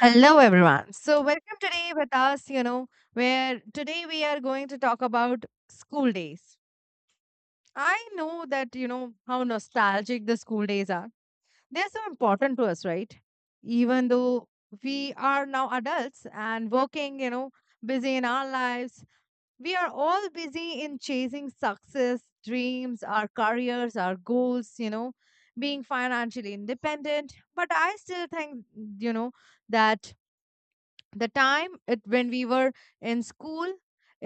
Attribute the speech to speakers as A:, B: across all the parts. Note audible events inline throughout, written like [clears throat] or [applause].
A: Hello, everyone. So, welcome today with us, where today we are going to talk about school days. I know that how nostalgic the school days are. They're so important to us, right? Even though we are now adults and working, busy in our lives, we are all busy in chasing success, dreams, our careers, our goals, being financially independent. But I still think, you know, that the time when we were in school,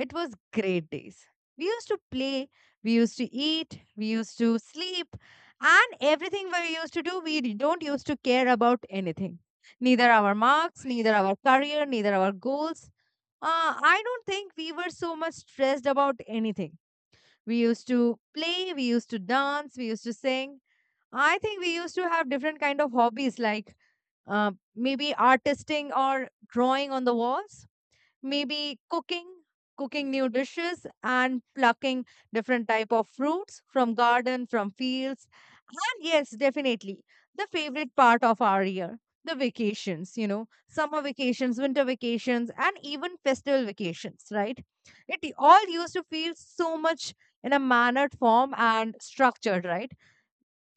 A: it was great days. We used to play, we used to eat, we used to sleep, and everything we used to do, we don't used to care about anything. Neither our marks, neither our career, neither our goals. I don't think we were so much stressed about anything. We used to play, we used to dance, we used to sing. I think we used to have different kind of hobbies, like uh, maybe artisting or drawing on the walls, maybe cooking new dishes, and plucking different type of fruits from garden, from fields. And yes, definitely the favorite part of our year, the vacations, summer vacations, winter vacations, and even festival vacations, right? It all used to feel so much in a mannered form and structured, right?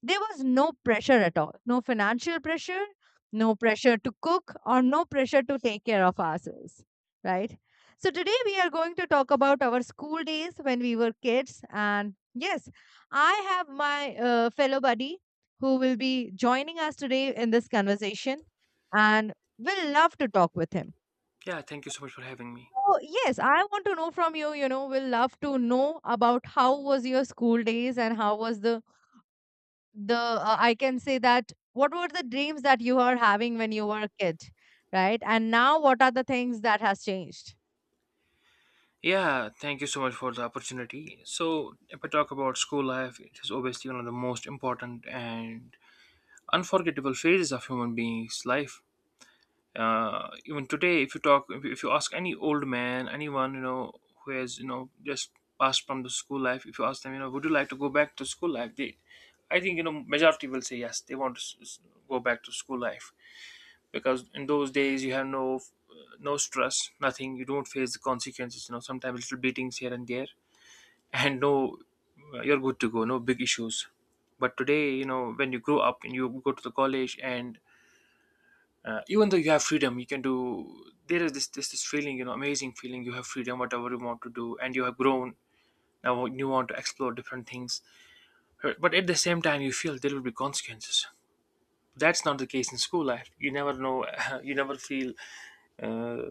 A: There was no pressure at all. No financial pressure, no pressure to cook, or no pressure to take care of ourselves, right? So, today we are going to talk about our school days when we were kids. And yes, I have my fellow buddy who will be joining us today in this conversation, and we'll love to talk with him.
B: Yeah, thank you so much for having me.
A: So yes, I want to know from you, we'll love to know about how was your school days and how was the I can say that what were the dreams that you were having when you were a kid, right? And now what are the things that has changed?
B: Yeah, thank you so much for the opportunity. So, if I talk about school life, it is obviously one of the most important and unforgettable phases of human beings' life. Even today, if you talk, if you ask any old man, anyone you know who has you know just passed from the school life, if you ask them, you know, would you like to go back to school life? They, I think you know, majority will say yes. They want to go back to school life because in those days you have no no stress, nothing, you don't face the consequences, you know, sometimes little beatings here and there and no you're good to go, no big issues. But today, you know, when you grow up and you go to the college and even though you have freedom you can do, there is this feeling, you know, amazing feeling, you have freedom whatever you want to do and you have grown, now you want to explore different things. But at the same time you feel there will be consequences. That's not the case in school life, you never know. [laughs] You never feel uh,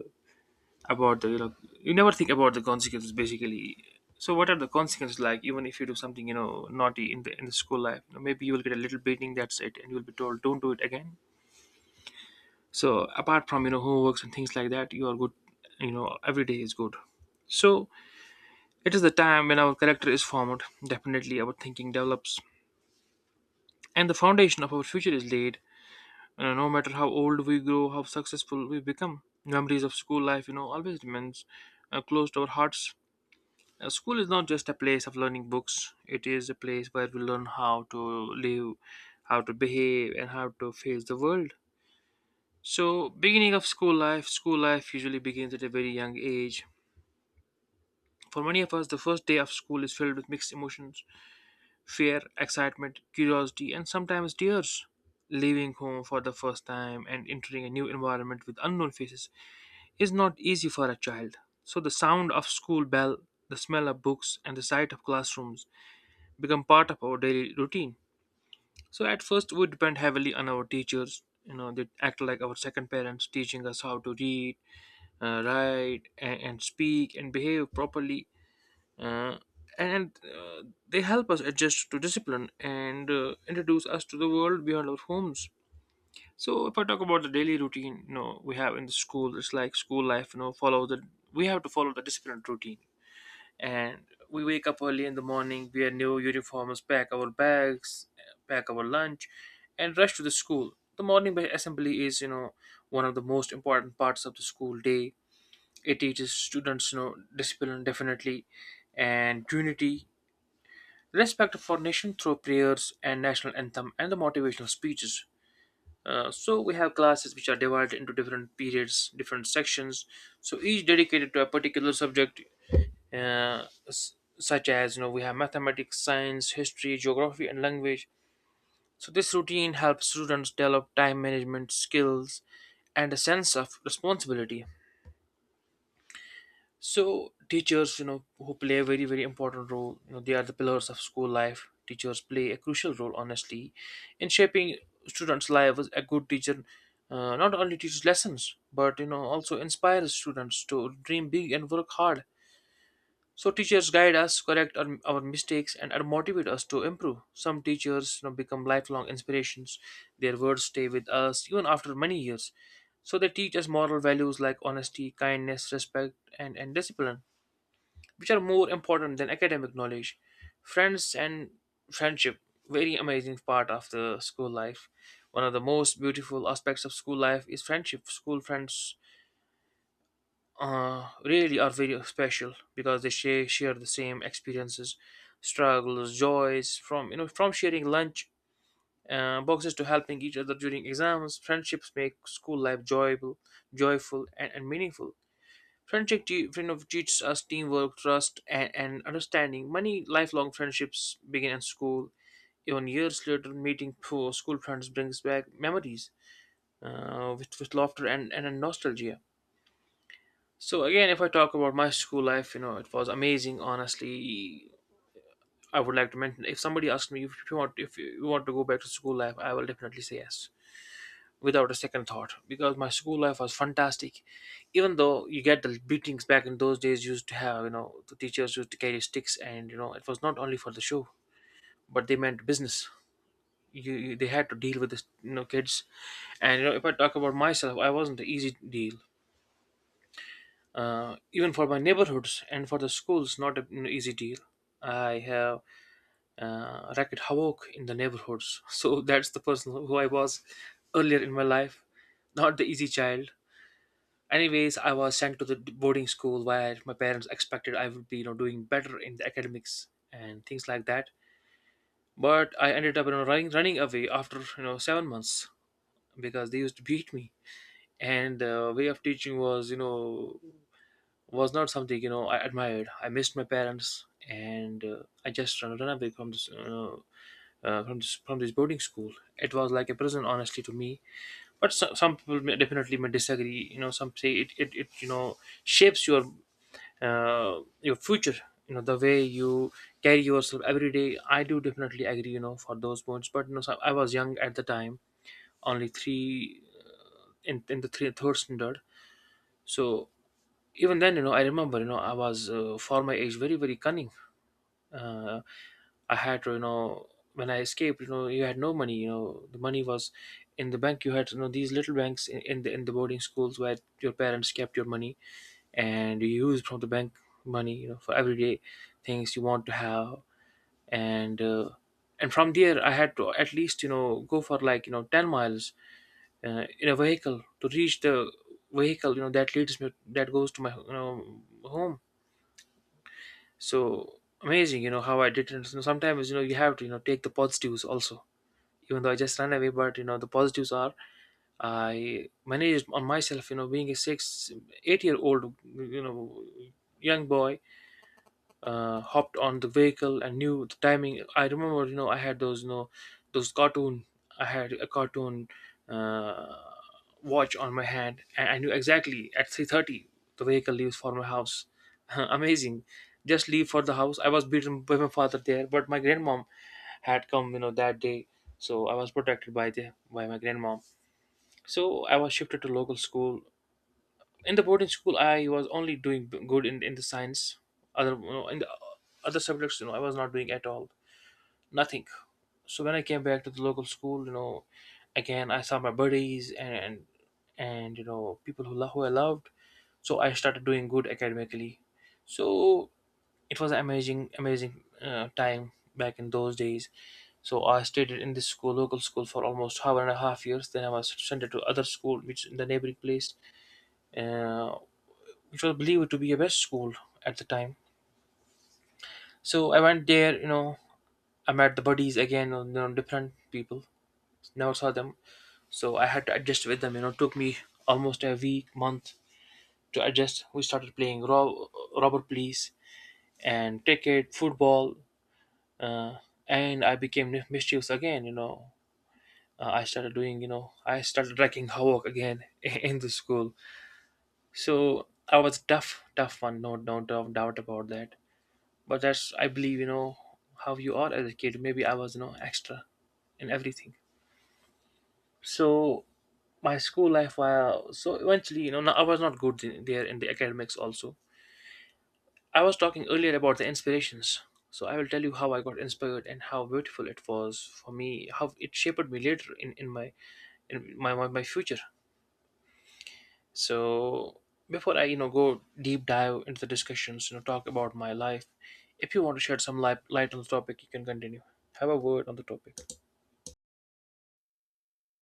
B: about the, you know, you never think about the consequences basically. So what are the consequences? Like, even if you do something, you know, naughty in the school life, you know, maybe you will get a little beating, that's it, and you'll be told don't do it again. So apart from, you know, homeworks and things like that, you are good, you know, every day is good. So it is the time when our character is formed, definitely our thinking develops, and the foundation of our future is laid. You know, no matter how old we grow, how successful we become, memories of school life, you know, always remains close to our hearts. School is not just a place of learning books, it is a place where we learn how to live, how to behave, and how to face the world. So, beginning of school life usually begins at a very young age. For many of us, the first day of school is filled with mixed emotions: fear, excitement, curiosity, and sometimes tears. Leaving home for the first time and entering a new environment with unknown faces is not easy for a child. So, the sound of school bell, the smell of books, and the sight of classrooms become part of our daily routine. So at first we depend heavily on our teachers. You know, they act like our second parents, teaching us how to read, write, and speak and behave properly. Uh, and they help us adjust to discipline and introduce us to the world beyond our homes. So if I talk about the daily routine, you know, we have in the school, it's like school life. You know, follow the we have to follow the disciplined routine, and we wake up early in the morning, wear new uniforms, pack our bags, pack our lunch, and rush to the school. The morning assembly is, you know, one of the most important parts of the school day. It teaches students, you know, discipline, definitely, and unity, respect for nation through prayers and national anthem and the motivational speeches. So we have classes which are divided into different periods, different sections. So each dedicated to a particular subject, such as, you know, we have mathematics, science, history, geography, and language. So this routine helps students develop time management skills and a sense of responsibility. So teachers, you know, who play a very, very important role, you know, they are the pillars of school life. Teachers play a crucial role, honestly, in shaping students' lives. A good teacher not only teaches lessons, but, you know, also inspires students to dream big and work hard. So teachers guide us, correct our mistakes, and are motivate us to improve. Some teachers, you know, become lifelong inspirations. Their words stay with us even after many years. So they teach us moral values like honesty, kindness, respect, and discipline, which are more important than academic knowledge. Friends and friendship, very amazing part of the school life. One of the most beautiful aspects of school life is friendship. School friends really are very special because they share the same experiences, struggles, joys, from, you know, from sharing lunch boxes to helping each other during exams. Friendships make school life joyful, joyful and meaningful. Friendship te- friend of teaches us teamwork, trust, and understanding. Many lifelong friendships begin in school. Even years later, meeting poor school friends brings back memories with laughter and nostalgia. So again, if I talk about my school life, you know, it was amazing. Honestly, I would like to mention, if somebody asked me if you want to go back to school life, I will definitely say yes, without a second thought, because my school life was fantastic. Even though you get the beatings, back in those days used to have, you know, the teachers used to carry sticks, and, you know, it was not only for the show, but they meant business. You they had to deal with this, you know, kids. And, you know, if I talk about myself, I wasn't an easy deal, even for my neighborhoods and for the schools, not an easy deal. I have racket havoc in the neighborhoods. [laughs] So that's the person who I was earlier in my life, not the easy child. Anyways, I was sent to the boarding school where my parents expected I would be, you know, doing better in the academics and things like that. But I ended up, you know, running away after, you know, 7 months, because they used to beat me. And the way of teaching was, you know, was not something, you know, I admired. I missed my parents, and I just ran away from this, you know, from this boarding school. It was like a prison, honestly, to me. But so, some people may, definitely may disagree. You know, some say it, you know, shapes your future, you know, the way you carry yourself every day. I do definitely agree, you know, for those points. But, you know, so I was young at the time, only three, in the third standard. So even then, you know, I remember, you know, I was for my age, very, very cunning. uh, I had to, you know, when I escaped, you know, you had no money, you know, the money was in the bank. You had, you know, these little banks in the in the boarding schools where your parents kept your money, and you use from the bank money, you know, for everyday things you want to have. And uh, and from there I had to at least, you know, go for like, you know, 10 miles in a vehicle to reach the vehicle, you know, that leads me, that goes to my, you know, home. So amazing, you know, how I did it, you know, sometimes, you know, you have to, you know, take the positives also. Even though I just ran away, but, you know, the positives are, I managed on myself, you know, being a 6, 8 year old, you know, young boy, hopped on the vehicle and knew the timing. I remember, you know, I had those, you know, those cartoon. I had a cartoon uh, watch on my hand, and I knew exactly at 3:30 the vehicle leaves for my house. [laughs] Amazing, just leave for the house. I was beaten by my father there, but my grandmom had come, you know, that day, so I was protected by the by my grandmom. So I was shifted to local school. In the boarding school I was only doing good in the science. Other, you know, in the other subjects, you know, I was not doing at all, nothing. So when I came back to the local school, you know, again I saw my buddies, and you know, people who, who I loved. So I started doing good academically. So it was an amazing time back in those days. So I stayed in this school, local school, for almost half and a half years, then I was sent to other school which in the neighboring place, uh, which was believed to be a best school at the time. So I went there, you know, I met the buddies again, you know, different people, never saw them. So I had to adjust with them, you know, it took me almost a week, month to adjust. We started playing robber police and cricket, football, uh, and I became mischievous again, you know. I started doing, you know, I started wrecking havoc again [laughs] in the school. So I was tough, tough one, no, no doubt about that. But that's, I believe, you know, how you are as a kid. Maybe I was, you know, extra in everything. So my school life, while so eventually, you know, I was not good there in the academics also. I was talking earlier about the inspirations. So I will tell you how I got inspired and how beautiful it was for me, how it shaped me later in my in my future. So before I, you know, go deep dive into the discussions, you know, talk about my life. If you want to shed some light on the topic, you can continue. Have a word on the topic.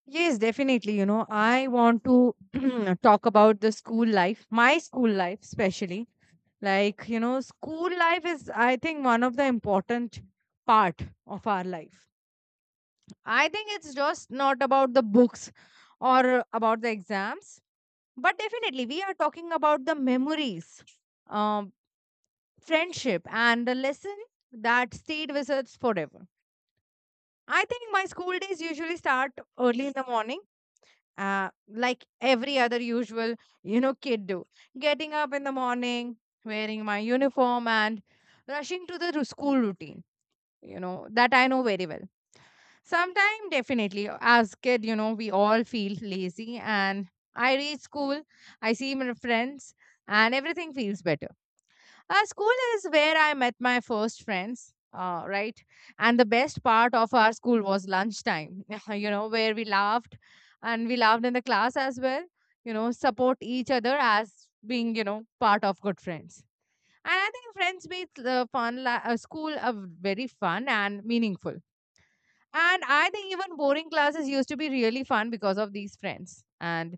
A: Yes, definitely. I want to [clears throat] talk about the school life, my school life especially. Like, school life is, I think, one of the important part of our life. I think it's just not about the books or about the exams, but definitely we are talking about the memories, um, friendship, and the lesson that stayed with us forever. I think my school days usually start early in the morning, like every other usual, kid do. Getting up in the morning, wearing my uniform, and rushing to the school routine, that I know very well. Sometime definitely. As kid, we all feel lazy, and I reach school, I see my friends, and everything feels better. School is where I met my first friends. Right. And the best part of our school was lunchtime, [laughs] you know, where we laughed, and we laughed in the class as well, support each other as being, part of good friends. And I think friends made the fun, school, very fun and meaningful. And I think even boring classes used to be really fun because of these friends. And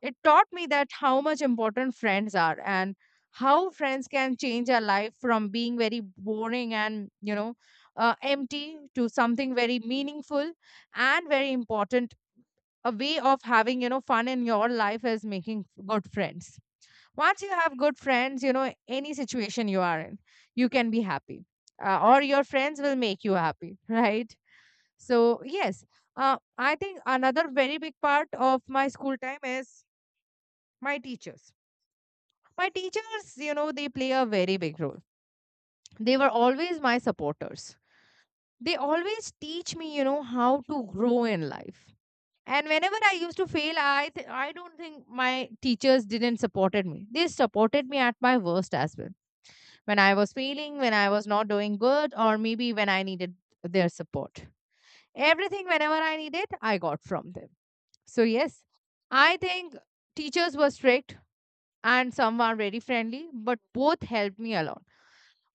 A: it taught me that how much important friends are, and how friends can change our life from being very boring and empty to something very meaningful and very important. A way of having fun in your life is making good friends. Once you have good friends, any situation you are in, you can be happy. Or your friends will make you happy, [laughs] right? So, yes, I think another very big part of my school time is my teachers. My teachers, they play a very big role. They were always my supporters. They always teach me how to grow in life. And whenever I used to fail, I don't think my teachers didn't supported me. They supported me at my worst as well. When I was failing, when I was not doing good, or maybe when I needed their support. Everything whenever I needed, I got from them. So, yes, I think teachers were strict and some were very friendly, but both helped me a lot.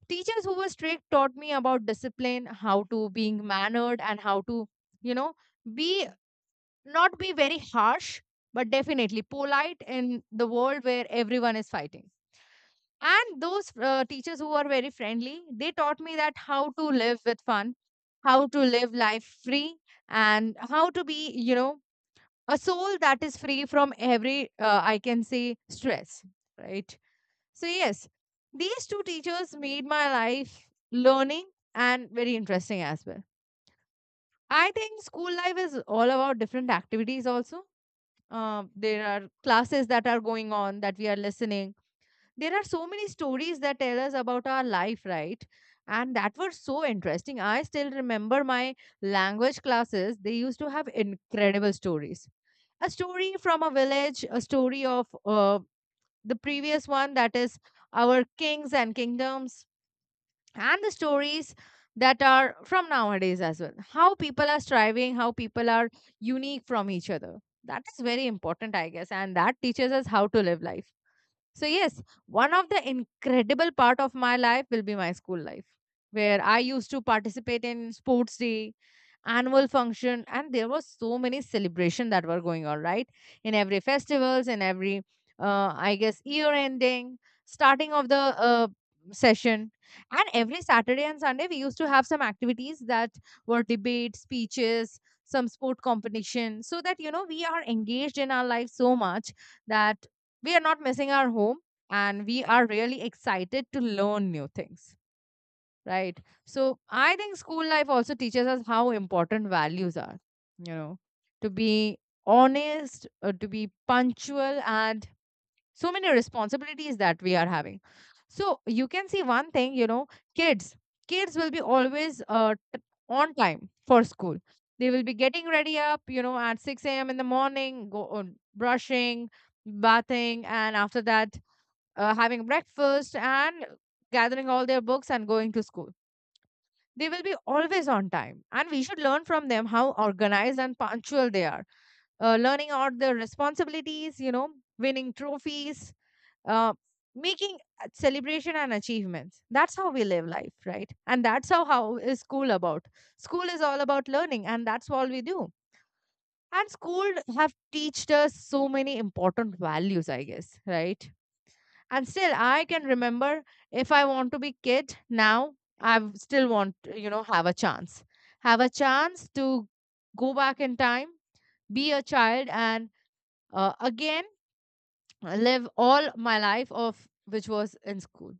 A: Teachers who were strict taught me about discipline, how to being mannered, and how to, you know, be not be very harsh, but definitely polite in the world where everyone is fighting. And those teachers who were very friendly, they taught me that how to live with fun, how to live life free, and how to be a soul that is free from every I can say stress, right? So yes, these two teachers made my life learning and very interesting as well. I think school life is all about different activities also. There are classes that are going on that we are listening, there are so many stories that tell us about our life, right? And that were so interesting. I still remember my language classes, they used to have incredible stories, a story from a village, a story of the previous one, that is our kings and kingdoms, and the stories that are from nowadays as well. How people are striving, how people are unique from each other. That is very important, I guess, and that teaches us how to live life. So yes, one of the incredible part of my life will be my school life, where I used to participate in sports day, annual function, and there was so many celebration that were going on, right? In every festivals, in every I guess year ending, starting of the session, and every Saturday and Sunday we used to have some activities that were debate, speeches, some sport competition, so that we are engaged in our life so much that we are not missing our home, and we are really excited to learn new things, right? So I think school life also teaches us how important values are you know to be honest, to be punctual, and so many responsibilities that we are having. So you can see one thing you know kids kids will be always on time for school. They will be getting ready up at 6 a.m. in the morning, go on brushing, bathing, and after that, having breakfast and gathering all their books and going to school. They will be always on time, and we should learn from them how organized and punctual they are. Learning out their responsibilities, winning trophies, uh, making a celebration and achievements. That's how we live life, right? And that's how is school about. School is all about learning, and that's all we do. And school have teached us so many important values, I guess, right? And still I can remember, if I want to be kid now, I still want to have a chance to go back in time, be a child, and again live all my life of which was in school,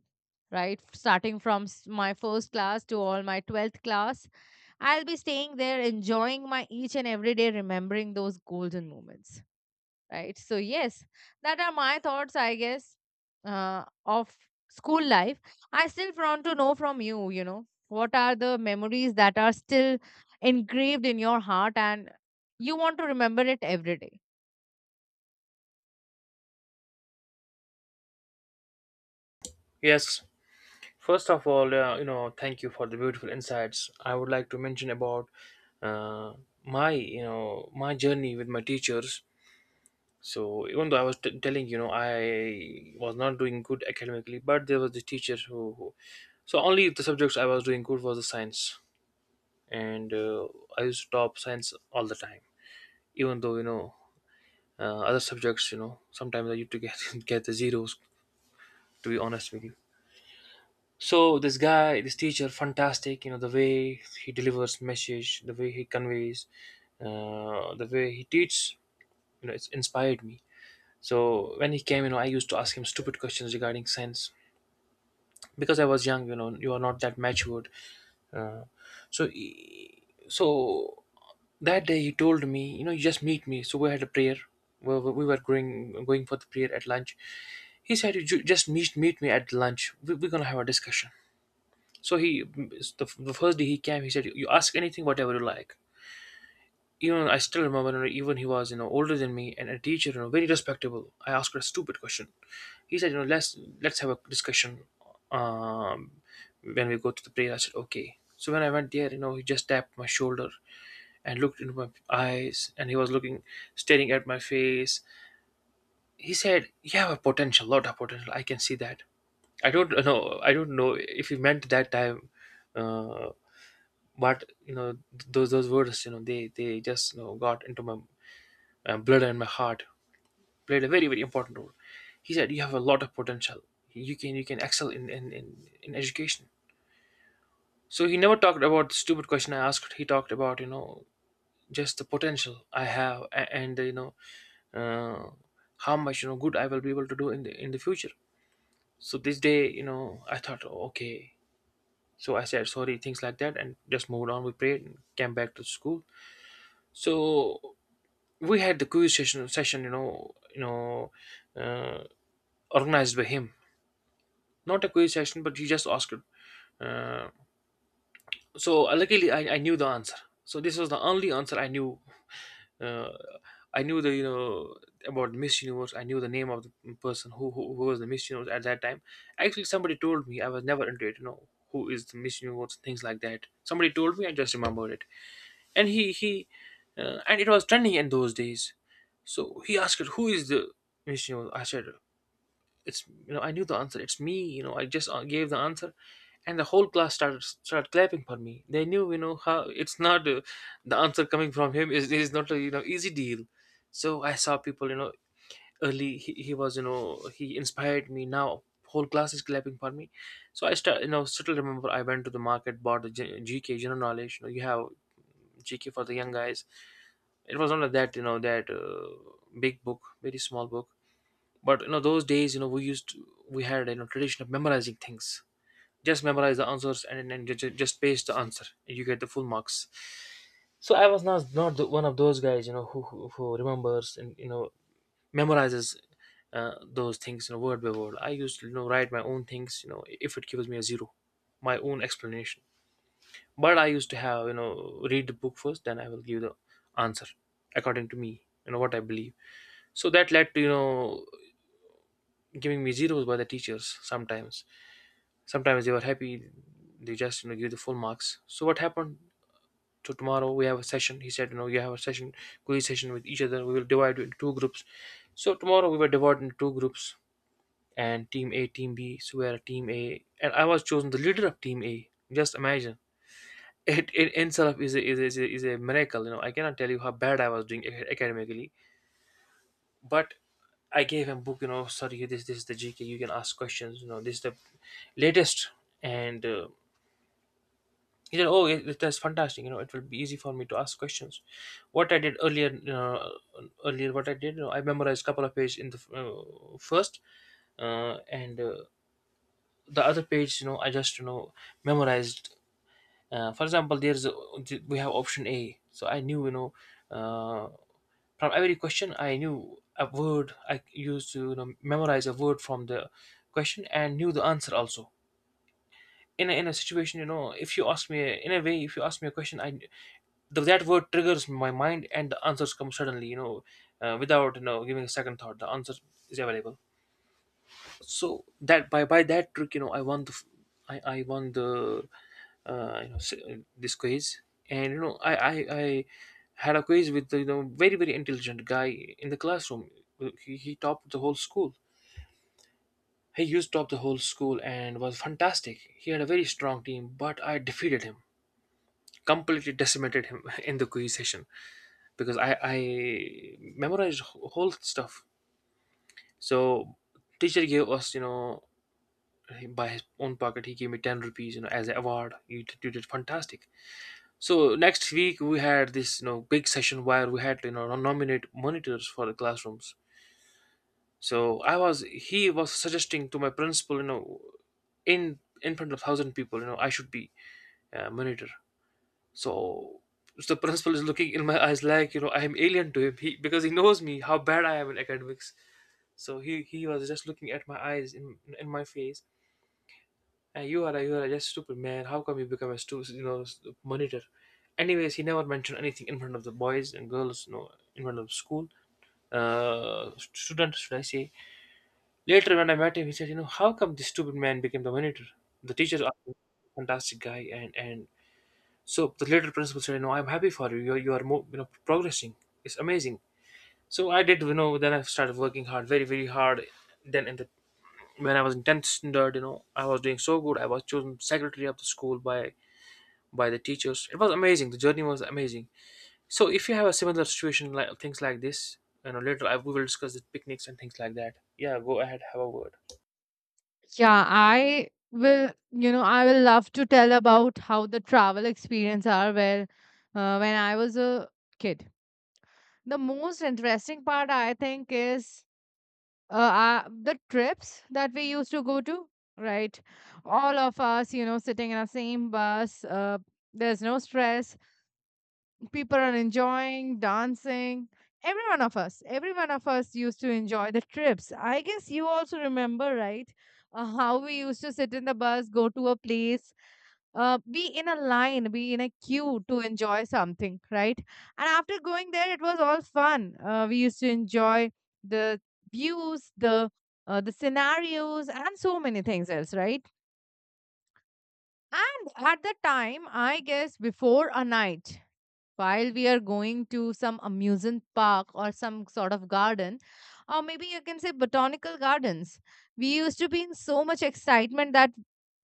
A: right? Starting from my first class to all my 12th class, I'll be staying there enjoying my each and every day, remembering those golden moments, right? So yes, that are my thoughts, I guess, of school life. I still want to know from you you know what are the memories that are still engraved in your heart, and you want to remember it every day.
B: Yes, first of all, you know, thank you for the beautiful insights. I would like to mention about uh, my, you know, my journey with my teachers. So even though I was telling, you know, I was not doing good academically, but there was the teacher who, so only the subjects I was doing good was the science, and I used to top science all the time. Even though, you know, other subjects, you know, sometimes I used to get [laughs] get the zeros. To be honest with you, so this guy, this teacher, fantastic. You know the way he delivers message, the way he conveys, the way he teaches. You know, it's inspired me. So when he came, you know, I used to ask him stupid questions regarding science because I was young. You know, you are not that matured. Uh, so that day he told me, you know, you just meet me. So we had a prayer. We were going for the prayer at lunch. He said, you just meet me at lunch. We're gonna have a discussion. So he, the first day he came, he said, "You ask anything, whatever you like." Even I still remember, you know, even he was, you know, older than me and a teacher, you know, very respectable. I asked her a stupid question. He said, "You know, let's have a discussion um, when we go to the prayer." I said, "Okay." So when I went there, you know, he just tapped my shoulder and looked into my eyes, and he was looking, staring at my face. He said, "You have a potential, lot of potential. I can see that." I don't know. I don't know if he meant that time, uh, but you know those words, you know, they just, you know, got into my blood and my heart, played a very very important role. He said you have a lot of potential. You can excel in education. So he never talked about the stupid question I asked. He talked about, you know, just the potential I have and, you know, uh, how much, you know, good I will be able to do in the future. So this day, you know, I thought, oh, okay. So I said sorry, things like that, and just moved on. We prayed and came back to school. So we had the quiz session, you know, you know, uh, organized by him. Not a quiz session, but he just asked, uh, luckily I knew the answer. So this was the only answer I knew. uh, I knew the, you know, about Miss Universe. I knew the name of the person who was the Miss Universe at that time. Actually somebody told me, I was never into it, you know, who is the Miss Universe, things like that. Somebody told me, I just remembered it. And he and it was trending in those days. So he asked her, who is the Vishnu? I said, it's, you know, I knew the answer, it's me, you know. I just, gave the answer. And the whole class started clapping for me. They knew, you know, how it's not, the answer coming from him is not a, you know, easy deal. So I saw people, you know, early he was, you know, he inspired me. Now whole class is clapping for me. So I start, you know, still remember, I went to the market, bought the gk, general knowledge. You know you have GK for the young guys. It was not like that, you know, that, big book, very small book. But you know those days, you know we used to, we had, you know, tradition of memorizing things. Just memorize the answers and then just paste the answer, and you get the full marks. So I was not the, one of those guys, you know, who remembers and, you know, memorizes those things, you know, word by word. I used to, you know, write my own things, you know, if it gives me a zero, my own explanation. But I used to have, you know, read the book first, then I will give the answer according to me, you know, what I believe. So that led to, you know, giving me zeros by the teachers sometimes. Sometimes they were happy, they just, you know, give the full marks. So what happened, so tomorrow we have a session. He said, you know, you have a session, quiz session with each other. We will divide into two groups. So tomorrow we were divided into two groups, and team A, team B. So we are team A, and I was chosen the leader of team A. Just imagine, it in itself is a, is a miracle. You know, I cannot tell you how bad I was doing academically. But I gave him book, you know, sorry, this is the gk, you can ask questions, you know, this is the latest. And, he said, oh yeah, that's fantastic, you know, it will be easy for me to ask questions. What I did earlier, you know, earlier what I did, you know, I memorized couple of pages in the first, and the other page, you know, I just, you know, memorized. For example, there's, we have option A. So I knew, you know, uh, from every question I knew a word. I used to, you know, memorize a word from the question and knew the answer also. In a situation, you know, if you ask me in a way, if you ask me a question, I the, that word triggers my mind and the answers come suddenly, you know, without, you know, giving a second thought. The answer is available. So that by that trick, you know, I won I won the, you know, this quiz. And you know I had a quiz with the, you know, very very intelligent guy in the classroom. He topped the whole school, he used to top the whole school, and was fantastic. He had a very strong team, but I defeated him, completely decimated him [laughs] in the quiz session, because I memorized whole stuff. So teacher gave us, you know, by his own pocket, he gave me 10 rupees, you know, as an award. You did, you did fantastic. So next week we had this, you know, big session where we had, you know, no, nominate monitors for the classrooms. So I was, he was suggesting to my principal, you know, in front of 1,000 people, you know, I should be a monitor. So, so the principal is looking in my eyes like, you know, I am alien to him. Because he knows me how bad I am in academics. So he was just looking at my eyes in my face. You are a just stupid man. How come you become a you know monitor? Anyways, he never mentioned anything in front of the boys and girls, you know, in front of school, students, should I say? Later, when I met him, he said, you know, how come this stupid man became the monitor? The teacher are a fantastic guy, and so the later principal said, you know, I'm happy for you. You are more, you know, progressing. It's amazing. So I did, you know, then I started working hard, very very hard. Then in the, when I was in tenth standard, you know, I was doing so good. I was chosen secretary of the school by the teachers. It was amazing. The journey was amazing. So if you have a similar situation like things like this, you know, later I, we will discuss the picnics and things like that. Yeah, go ahead, have a word.
A: Yeah, I will, will love to tell about how the travel experience are, where when I was a kid. The most interesting part I think is uh, the trips that we used to go to, right? All of us, sitting in the same bus. There's no stress, people are enjoying dancing. Every one of us used to enjoy the trips. I guess you also remember, right? How we used to sit in the bus, go to a place, be in a line, be in a queue to enjoy something, right? And after going there, it was all fun. We used to enjoy the views, the scenarios and so many things else, right? And at the time, I guess, before a night, while we are going to some amusement park or some sort of garden, or maybe you can say botanical gardens, we used to be in so much excitement that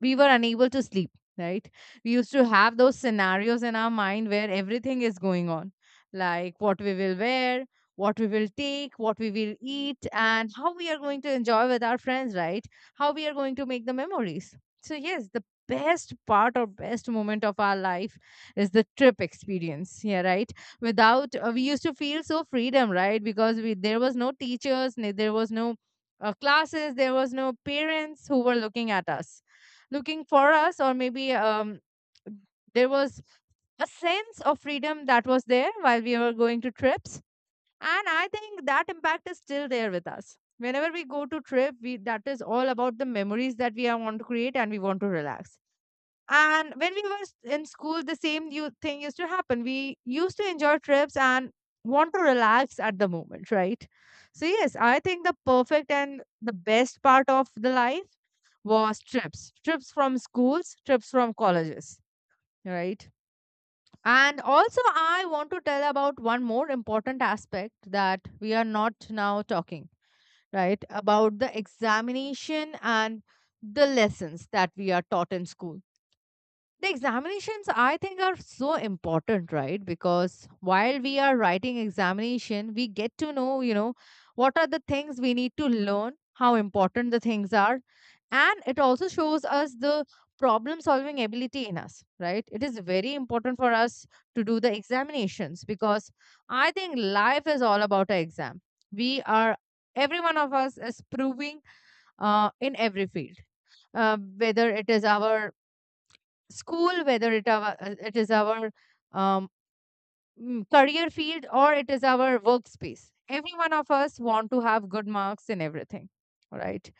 A: we were unable to sleep, right? We used to have those scenarios in our mind where everything is going on, like what we will wear, what we will take, what we will eat, and how we are going to enjoy with our friends, right? How we are going to make the memories. So yes, the best part or best moment of our life is the trip experience, yeah, right? Without we used to feel so freedom, right? Because we there was no teachers, there was no classes, there was no parents who were looking at us, looking for us, or maybe there was a sense of freedom that was there while we were going to trips. And I think that impact is still there with us. Whenever we go to trip, we that is all about the memories that we are want to create and we want to relax. And when we were in school, the same thing used to happen. We used to enjoy trips and want to relax at the moment, right? So, yes, I think the perfect and the best part of the life was trips, trips from schools, trips from colleges, right? And also, I want to tell about one more important aspect that we are not now talking, right? About the examination and the lessons that we are taught in school, the examinations, I think, are so important, right? Because while we are writing examination, we get to know, you know, what are the things we need to learn, how important the things are. And it also shows us the problem solving ability in us, right? It is very important for us to do the examinations because I think life is all about an exam. We are, every one of us is proving in every field, whether it is our school, whether it is our um, career field, or it is our workspace. Every one of us want to have good marks in everything, right?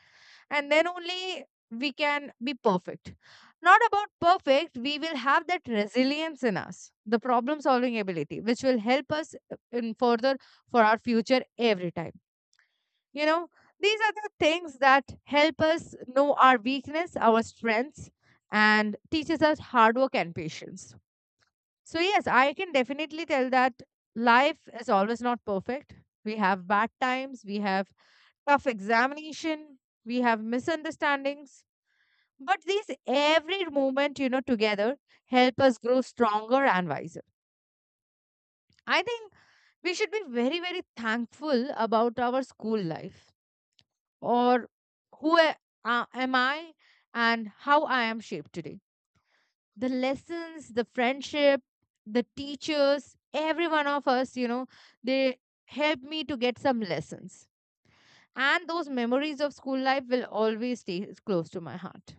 A: And then only we can be perfect. Not about perfect, we will have that resilience in us, the problem solving ability, which will help us in further for our future every time. You know, these are the things that help us know our weakness, our strengths, and teaches us hard work and patience. So, yes, I can definitely tell that life is always not perfect. We have bad times, we have tough examination, we have misunderstandings. But these every moment, you know, together help us grow stronger and wiser. I think we should be very, very thankful about our school life or who a- am I and how I am shaped today, the lessons, the friendship, the teachers, every one of us, you know, they helped me to get some lessons. And those memories of school life will always stay close to my heart.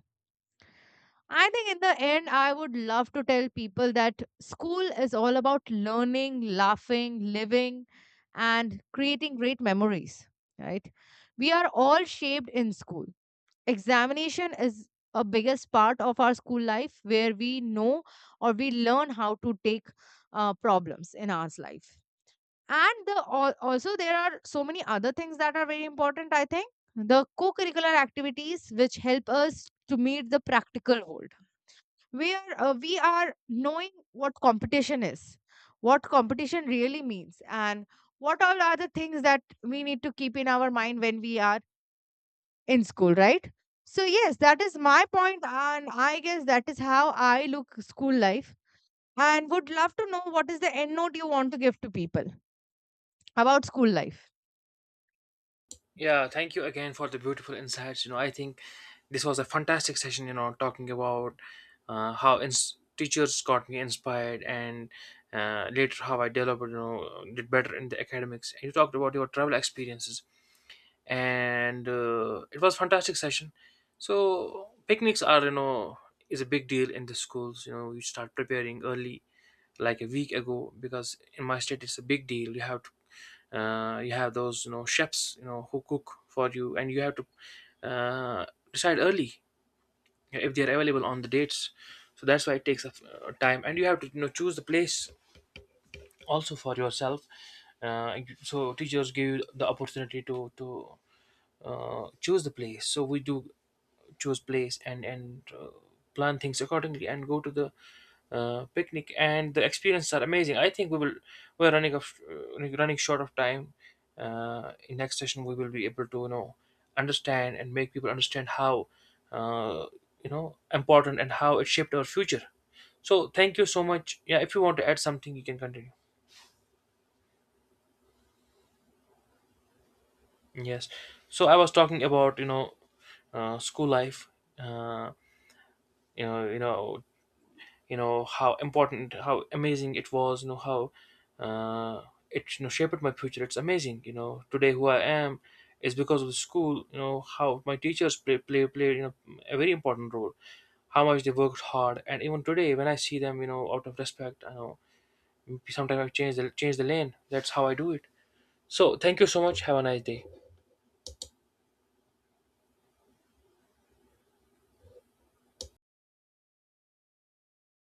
A: I think in the end, I would love to tell people that school is all about learning, laughing, living, and creating great memories, right? We are all shaped in school. Examination is a biggest part of our school life, where we know, or we learn how to take problems in our life. And also there are so many other things that are very important, I think. The co-curricular activities which help us to meet the practical world, where we are knowing what competition is, what competition really means, and what all are the things that we need to keep in our mind when we are in school, right? So yes, that is my point, and I guess that is how I look school life. And would love to know what is the end note you want to give to people about school life.
B: Yeah, thank you again for the beautiful insights. You know, I think this was a fantastic session. You know, talking about, how teachers got me inspired and, later how I developed. You know, did better in the academics. And you talked about your travel experiences. And, it was fantastic session. So picnics are, you know, is a big deal in the schools, you know, you start preparing early, like a week ago, because in my state it's a big deal. You have to, you have those, you know, chefs, you know, who cook for you, and you have to, uh, decide early if they are available on the dates. So that's why it takes a time, and you have to, you know, choose the place also for yourself. uh, so teachers give you the opportunity to choose the place. So we do choose place, and plan things accordingly and go to the picnic, and the experiences are amazing. I think we will, we're running short of time. Uh, in next session we will be able to, you know, understand and make people understand how, uh, you know, important, and how it shaped our future. So thank you so much. Yeah, if you want to add something, you can continue. Yes, so I was talking about, you know, school life, uh, you know you know, how important, how amazing it was, you know, how, uh, it, you know, shaped my future. It's amazing, you know, today who I am is because of the school. You know, how my teachers play played, you know, a very important role. How much they worked hard. And even today when I see them, you know, out of respect, I know sometimes I change the lane, that's how I do it. So thank you so much, have a nice day.